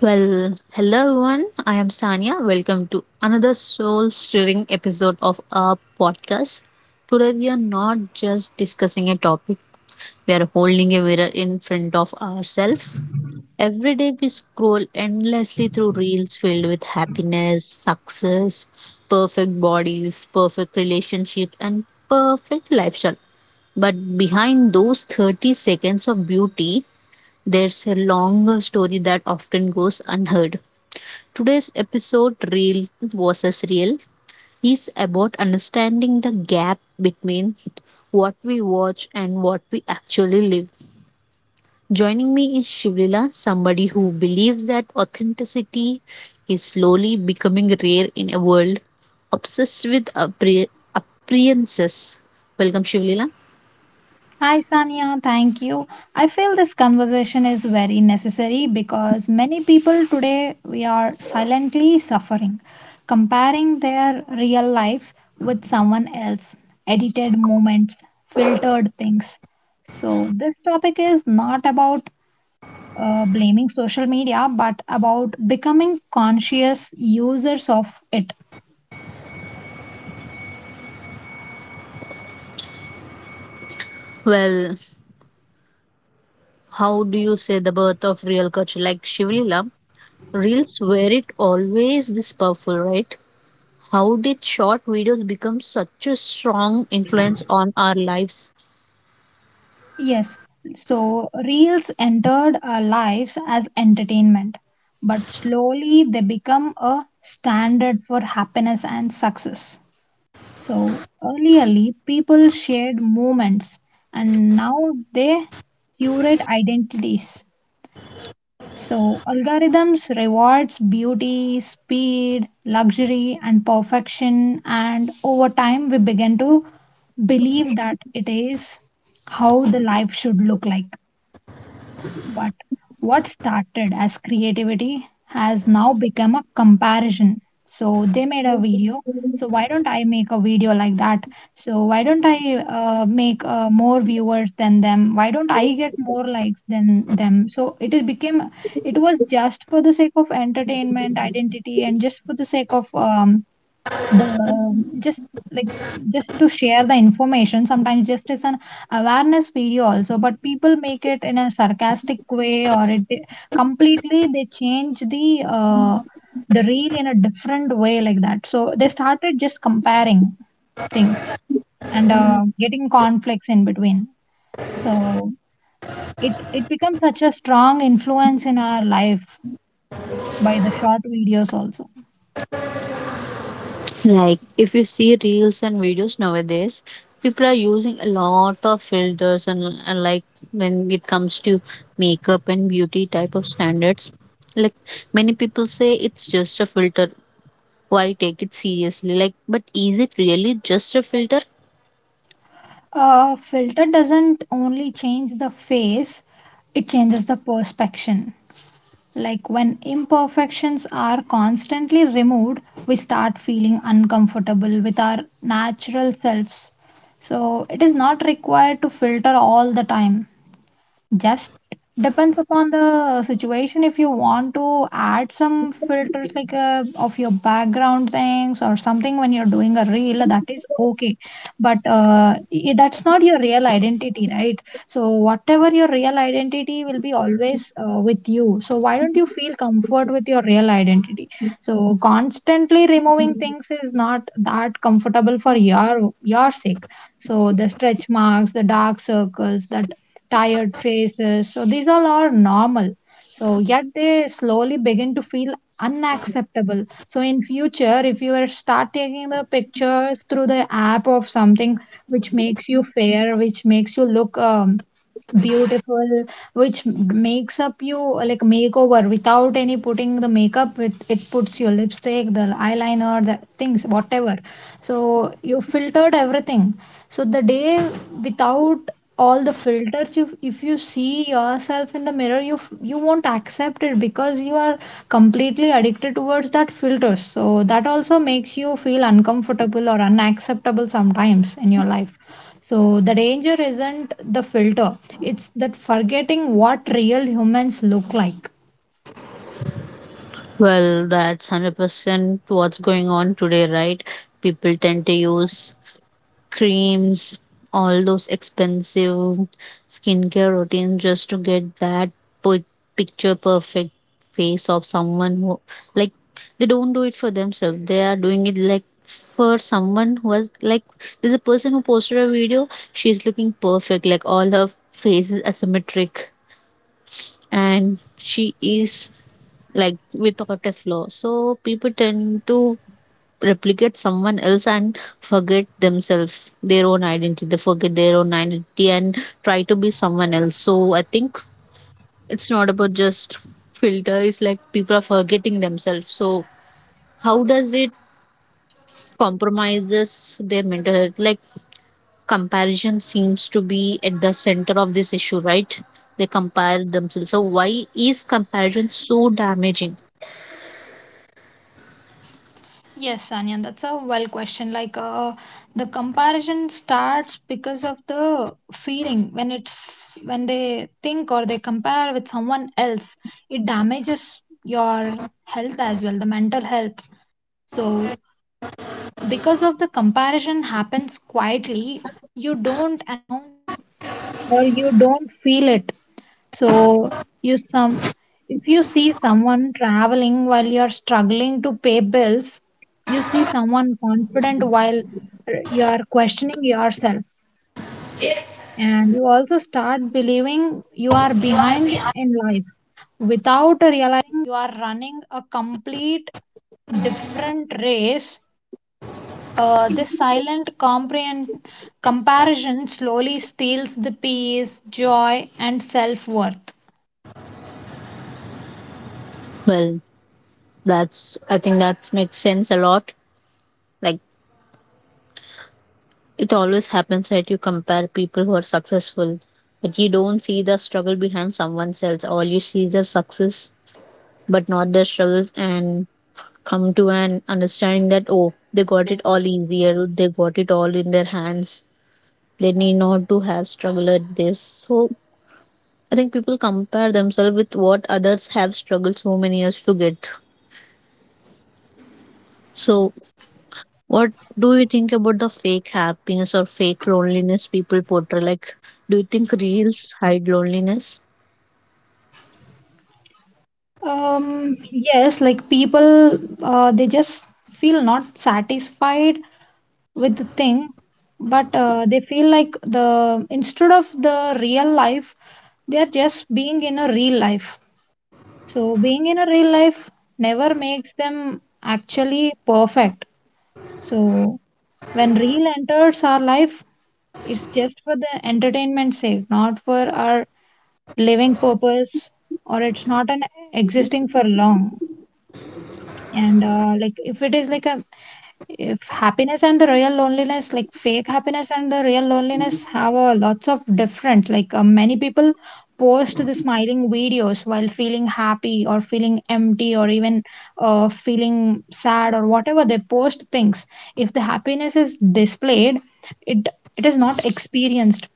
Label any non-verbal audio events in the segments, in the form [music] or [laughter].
Well, hello everyone. I am Sanya. Welcome to another soul stirring episode of our podcast. Today we are not just discussing a topic, we are holding a mirror in front of ourselves. Every day we scroll endlessly through reels filled with happiness, success, perfect bodies, perfect relationships, and perfect lifestyle. But behind those 30 seconds of beauty, there's a longer story that often goes unheard. Today's episode, Real versus Real, is about understanding the gap between what we watch and what we actually live. Joining me is Shivlila, somebody who believes that authenticity is slowly becoming rare in a world obsessed with appearances. Welcome, Shivlila. Hi, Sania. Thank you. I feel this conversation is very necessary because many people today we are silently suffering, comparing their real lives with someone else, edited moments, filtered things. So this topic is not about blaming social media, but about becoming conscious users of it. Well, how do you say the birth of real culture? Like Shivlila, reels were it always this powerful, right? How did short videos become such a strong influence on our lives? Yes, so reels entered our lives as entertainment, but slowly they become a standard for happiness and success. So earlierly, people shared moments, and now they curate identities. So algorithms rewards beauty, speed, luxury, and perfection, and over time we begin to believe that it is how the life should look like. But what started as creativity has now become a comparison. So they made a video. So why don't I make a video like that? So why don't I make more viewers than them? Why don't I get more likes than them? So it is became it was just for the sake of entertainment, identity, and just for the sake of the just like just to share the information, sometimes just as an awareness video also, but people make it in a sarcastic way, or it completely they change the reel in a different way like that. So they started just comparing things and getting conflicts in between. So it becomes such a strong influence in our life by the short videos also. Like, if you see reels and videos nowadays, people are using a lot of filters and like when it comes to makeup and beauty type of standards, like many people say it's just a filter. Why take it seriously? Like, but is it really just a filter? A filter doesn't only change the face, it changes the perception. Like when imperfections are constantly removed, we start feeling uncomfortable with our natural selves. So it is not required to filter all the time. Just depends upon the situation. If you want to add some filters like of your background things or something when you're doing a reel, that is okay. But that's not your real identity, right? So whatever your real identity will be always with you. So why don't you feel comfort with your real identity? So constantly removing things is not that comfortable for your sake. So the stretch marks, the dark circles, that tired faces. So these all are normal. So yet they slowly begin to feel unacceptable. So in future, if you are start taking the pictures through the app of something which makes you fair, which makes you look beautiful, which makes up you like makeover without any putting the makeup, it puts your lipstick, the eyeliner, the things whatever. So you filtered everything. So the day without all the filters, you if you see yourself in the mirror, you won't accept it, because you are completely addicted towards that filters. So that also makes you feel uncomfortable or unacceptable sometimes in your life. So the danger isn't the filter, it's that forgetting what real humans look like. Well, that's 100% what's going on today, right? People tend to use creams, all those expensive skincare routines just to get that put picture perfect face of someone who, like, they don't do it for themselves. They are doing it like for someone who has, like, there's a person who posted a video, she's looking perfect, like all her face is asymmetric and she is like without a flaw. So people tend to replicate someone else and forget themselves their own identity and try to be someone else. So I think it's not about just filter, it's like people are forgetting themselves. So how does it compromises their mental health? Like, comparison seems to be at the center of this issue, right? They compare themselves, so why is comparison so damaging? So you some if you see someone traveling while you are struggling to pay bills, you see someone confident while you are questioning yourself. And you also start believing you are behind in life without. Well, that's, I think, that makes sense a lot. Like, it always happens that you compare people who are successful, but you don't see the struggle behind someone else. All you see is their success, but not their struggles, and come to an understanding that, oh, they got it all easier, they got it all in their hands, they need not to have struggled at this. So, I think people compare themselves with what others have struggled so many years to get. So, what do you think about the fake happiness or fake loneliness people portray? Like, do you think reels hide loneliness? Yes, like people, they just feel not satisfied with the thing, but they feel like the instead of the real life, they are just being in a real life. So being in a real life never makes them actually perfect. So when real enters our life, it's just for the entertainment sake, not for our living purpose, or it's not an existing for long. And like if it is like a if happiness and the real loneliness, like fake happiness and the real loneliness have a lots of different, like many people post the smiling videos while feeling happy or feeling empty or even feeling sad or whatever, they post things. If the happiness is displayed, it it is not experienced,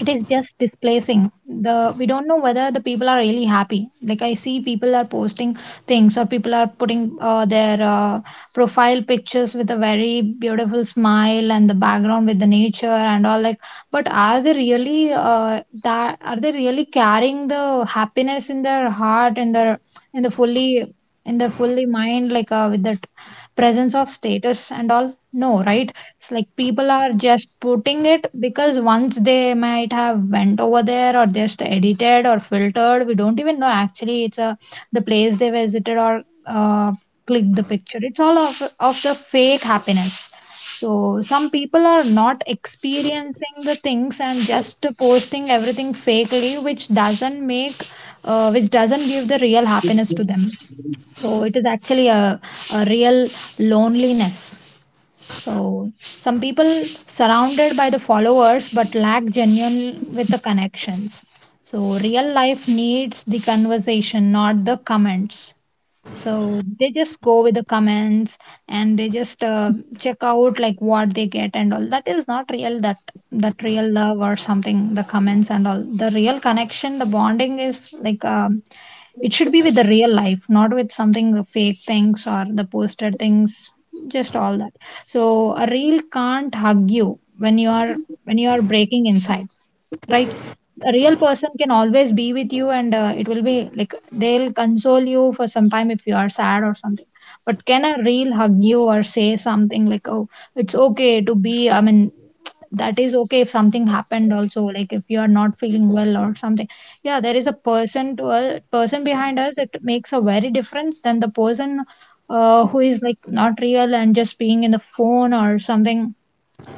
it is just displacing. The we don't know whether the people are really happy. Like I see people are posting things, or people are putting their profile pictures with a very beautiful smile and the background with the nature and all, like, but are they really that, are they really carrying the happiness in their heart and their, in the fully in the fully mind, like with that presence of status and all. No, right? It's like people are just putting it because once they might have went over there or just edited or filtered. We don't even know actually it's a the place they visited or click the picture. It's all of the fake happiness. So some people are not experiencing the things and just posting everything fakely, which doesn't make, which doesn't give the real happiness to them. So it is actually a real loneliness. So some people surrounded by the followers but lack genuine with the connections. So real life needs the conversation, not the comments. So they just go with the comments, and they just check out like what they get and all. That is not real. That that real love or something. The comments and all. The real connection, the bonding is like. It should be with the real life, not with something the fake things or the posted things, just all that. So a reel can't hug you when you are breaking inside, right? A real person can always be with you, and it will be like they'll console you for some time if you are sad or something. But can a real hug you or say something like, oh, it's okay to be, I mean, that is okay if something happened also, like if you are not feeling well or something. Yeah, there is a person, to a person behind us, that makes a very difference than the person who is like not real and just being in the phone or something,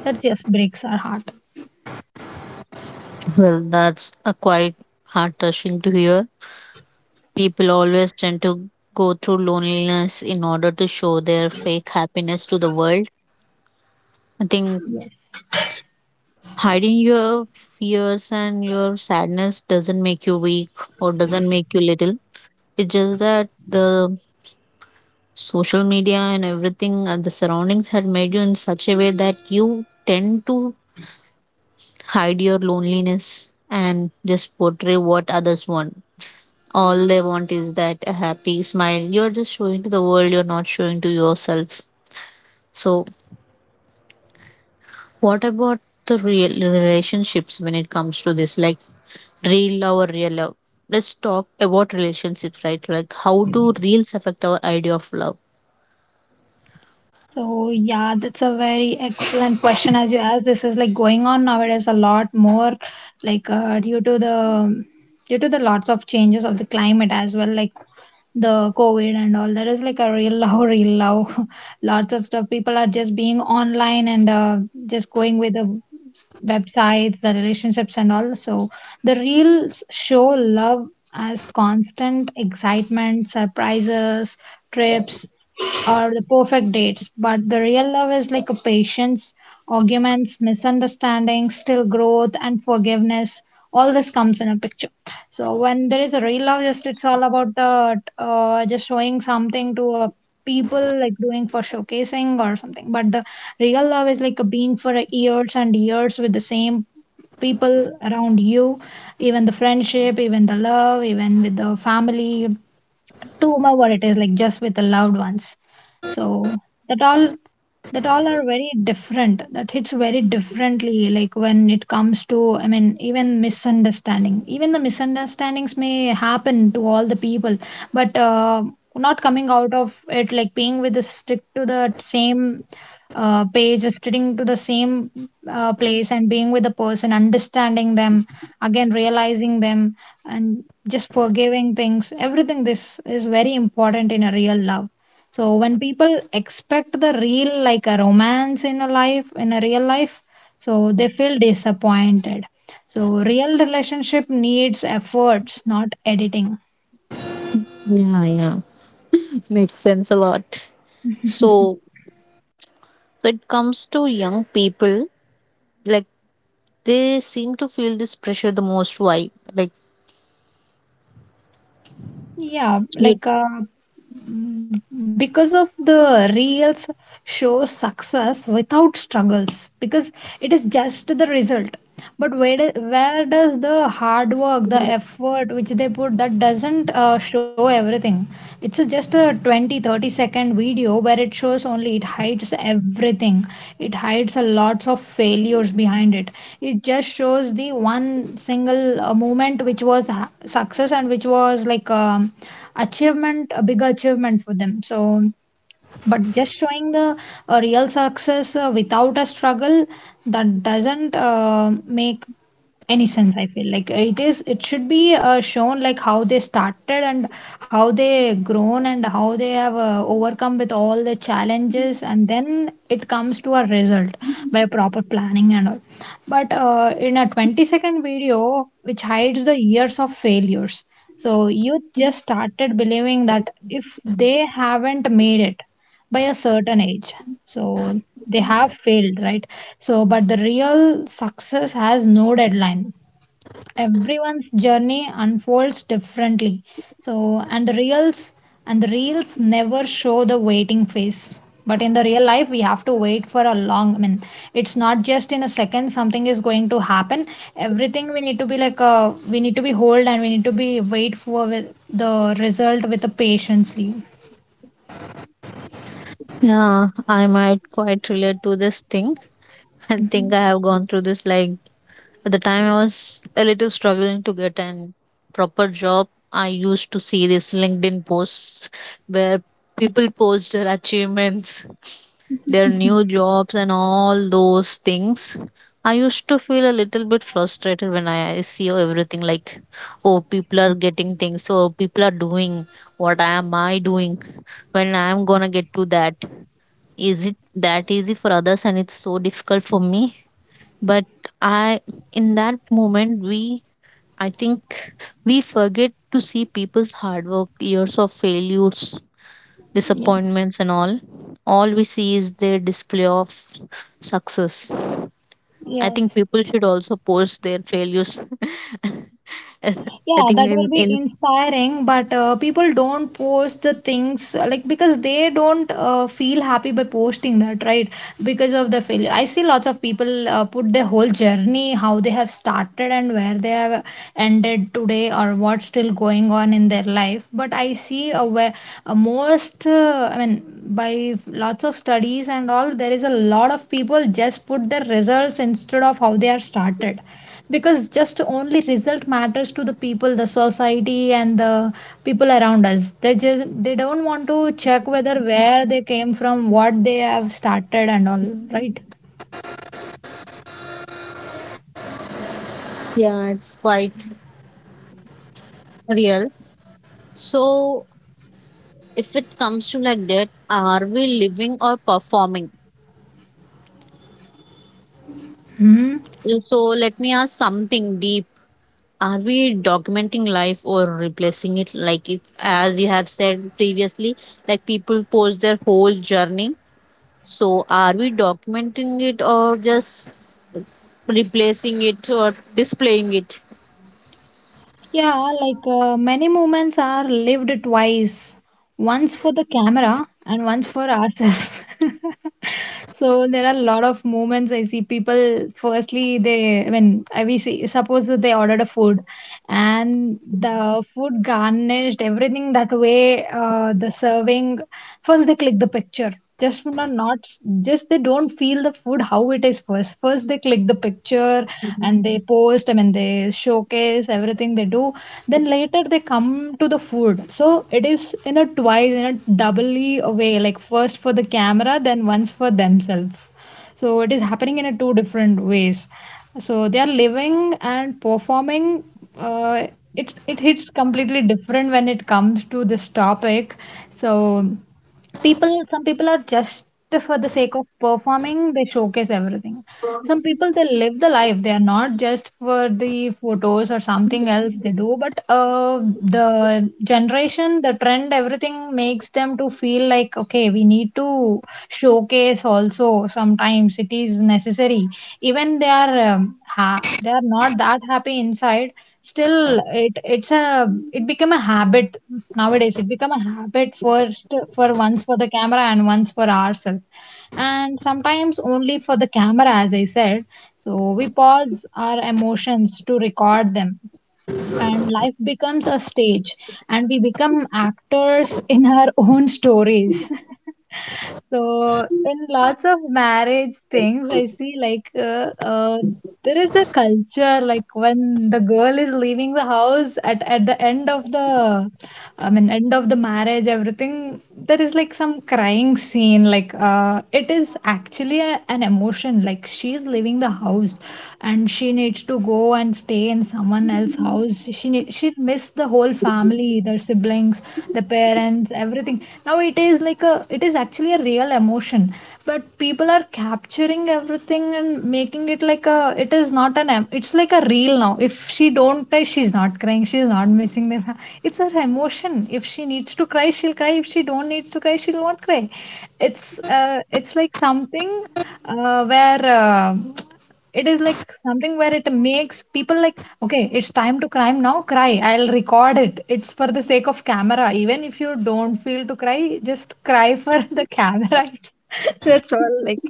that just breaks our heart. Well, that's a quite heart touching to hear. People always tend to go through loneliness in order to show their fake happiness to the world. I think hiding your fears and your sadness doesn't make you weak or doesn't make you little. It's just that the social media and everything and the surroundings had made you in such a way that you tend to hide your loneliness and just portray what others want. All they want is that a happy smile. You're just showing to the world, you're not showing to yourself. So, what about the real relationships when it comes to this? Like, real love or real love? Let's talk about relationships, right? Like, how do reels affect our idea of love? So, yeah, that's a very excellent question as you asked. This is like going on nowadays a lot more, like due to the lots of changes of the climate as well, like the COVID and all. There is like a real [laughs] love, real love. [laughs] Lots of stuff. People are just being online and just going with the websites, the relationships and all. So the reels show love as constant excitement, surprises, trips, or the perfect dates. But the real love is like a patience, arguments, misunderstandings, still growth and forgiveness. All this comes in a picture. So when there is a real love, just it's all about the just showing something to a people like doing for showcasing or something. But the real love is like a being for years and years with the same people around you, even the friendship, even the love, even with the family, to whomever it is, like just with the loved ones. So that all that all are very different, that hits very differently, like when it comes to, I mean, even misunderstanding, even the misunderstandings may happen to all the people, but not coming out of it, like being with the stick to the same page, sticking to the same place and being with the person, understanding them, again realizing them, and just forgiving things everything. This is very important in a real love. So when people expect the real, like a romance in a life, in a real life, so they feel disappointed. So real relationship needs efforts, not editing. Yeah, yeah. It makes sense a lot. So, when it comes to young people, like, they seem to feel this pressure the most. Why? Like, Yeah, you. like because of the reels show success without struggles, because it is just the result, but where does the hard work, the effort which they put, that doesn't show everything. It's a just a 20 30-second video where it shows only, it hides everything. It hides a lots of failures behind it, it just shows the one single moment which was success and which was like achievement, a big achievement for them. So but just showing the real success without a struggle, that doesn't make any sense. I feel like it is, it should be shown like how they started and how they grown and how they have overcome with all the challenges, and then it comes to a result by proper planning and all. But in a 20-second video which hides the years of failures, so youth just started believing that if they haven't made it by a certain age. So they have failed, right? So, but the real success has no deadline. Everyone's journey unfolds differently. So, and the reels never show the waiting phase. But in the real life, we have to wait for a long. I mean, it's not just in a second something is going to happen. Everything we need to be we need to be hold, and we need to be wait for with the result with the patiently. Yeah, I might quite relate to this thing. [laughs] I think I have gone through this. Like at the time, I was a little struggling to get an proper job. I used to see these LinkedIn posts where people post their achievements, their new jobs, and all those things. I used to feel a little bit frustrated when I see everything like, oh, people are getting things, oh, people are doing. What am I doing? When I'm gonna get to that? Is it that easy for others and it's so difficult for me? But I in that moment, we I think we forget to see people's hard work, years of failures, Yeah. disappointments and all. All we see is their display of success. I think Yes. people should also post their failures. [laughs] I Yeah, think, that will in, be in inspiring, but people don't post the things like because they don't feel happy by posting that, right? Because of the failure. I see lots of people put their whole journey, how they have started and where they have ended today or what's still going on in their life. But I see a, where, a most, by lots of studies and all, there is a lot of people just put their results instead of how they are started because just only result matters to the people, the society and the people around us. They just, they don't want to check whether where they came from, what they have started and all, right? yeah it's quite real. So if it comes to like that, are we living or performing? Hmm. So let me ask something deep. Are we documenting life or replacing it? Like, if as you have said previously, like people post their whole journey, so are we documenting it or just replacing it or displaying it? Yeah, like many moments are lived twice, once for the camera and once for ourselves. [laughs] So there are a lot of moments I see people. Firstly, they I we see, suppose that they ordered a food, and the food garnished everything that way. The serving, first they click the picture, just not just, they don't feel the food how it is. First they click the picture and they post, I mean, they showcase everything they do, then later they come to the food. So it is in a twice, in a doubly a way, like first for the camera then once for themselves. So it is happening in a two different ways. So they are living and performing. uh, it's, it hits completely different when it comes to this topic. So people, some people are just for the sake of performing, they showcase everything. Some people they live the life, they are not just for the photos or something else they do, but the generation, the trend, everything makes them to feel like okay, we need to showcase. Also sometimes it is necessary, even they are they are not that happy inside. Still it's a, it become a habit. Nowadays it become a habit. First, for once for the camera and once for ourselves, and sometimes only for the camera, as I said. So we pause our emotions to record them, and life becomes a stage, and we become actors in our own stories. [laughs] So, in lots of marriage things, I see like there is a culture like when the girl is leaving the house at the end of the, I mean, end of the marriage, everything, there is like some crying scene. Like it is actually a, an emotion. Like she's leaving the house and she needs to go and stay in someone else's house. She missed the whole family, their siblings, the parents, everything. Now it is like a, it is actually a real emotion, but people are capturing everything and making it like a, it is not an, it's like a reel now. If she don't cry, she's not crying, she's not missing their, it's her emotion. If she needs to cry, she'll cry. If she don't needs to cry, she'll not cry. It's like something where it is like something where it makes people like okay, it's time to cry now, cry, I'll record it. It's for the sake of camera, even if you don't feel to cry, just cry for [laughs] the camera. It's- that's all, like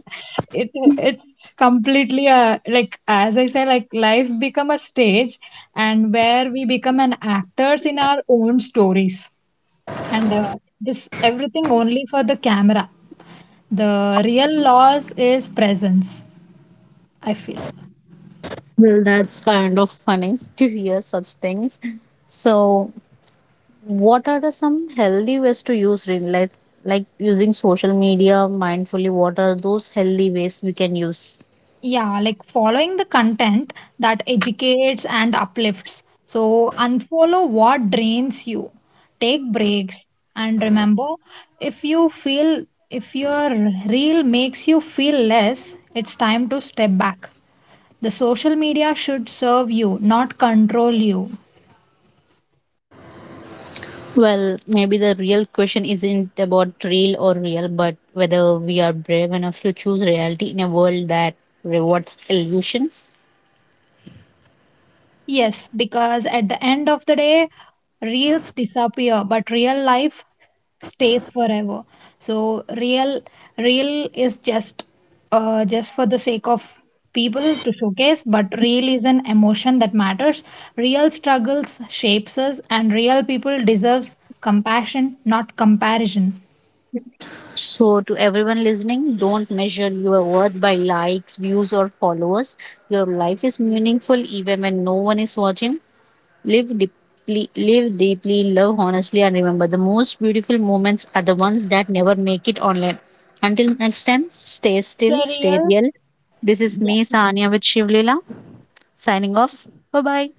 it, it's completely a, like as I say, like life become a stage and where we become an actors in our own stories, and this everything only for the camera. The real loss is presence, I feel. Well, that's kind of funny [laughs] to hear such things. So what are the some healthy ways to use real life, like using social media mindfully? What are those healthy ways we can use? Yeah, like following the content that educates and uplifts. So unfollow what drains you. Take breaks and remember, if you feel, if your reel makes you feel less, it's time to step back. The social media should serve you, not control you. Well, maybe the real question isn't about real or real, but whether we are brave enough to choose reality in a world that rewards illusion. Yes, because at the end of the day, reels disappear, but real life stays forever. So real, real is just for the sake of people to showcase, but real is an emotion that matters. Real struggles shapes us, and real people deserves compassion, not comparison. So, to everyone listening, don't measure your worth by likes, views, or followers. Your life is meaningful even when no one is watching. Live deeply, love honestly, and remember the most beautiful moments are the ones that never make it online. Until next time, stay Stay still, stay real. real. This is me, Sanya, with Shivlila, signing off. Bye bye.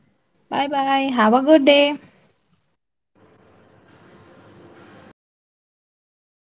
Bye bye. Have a good day.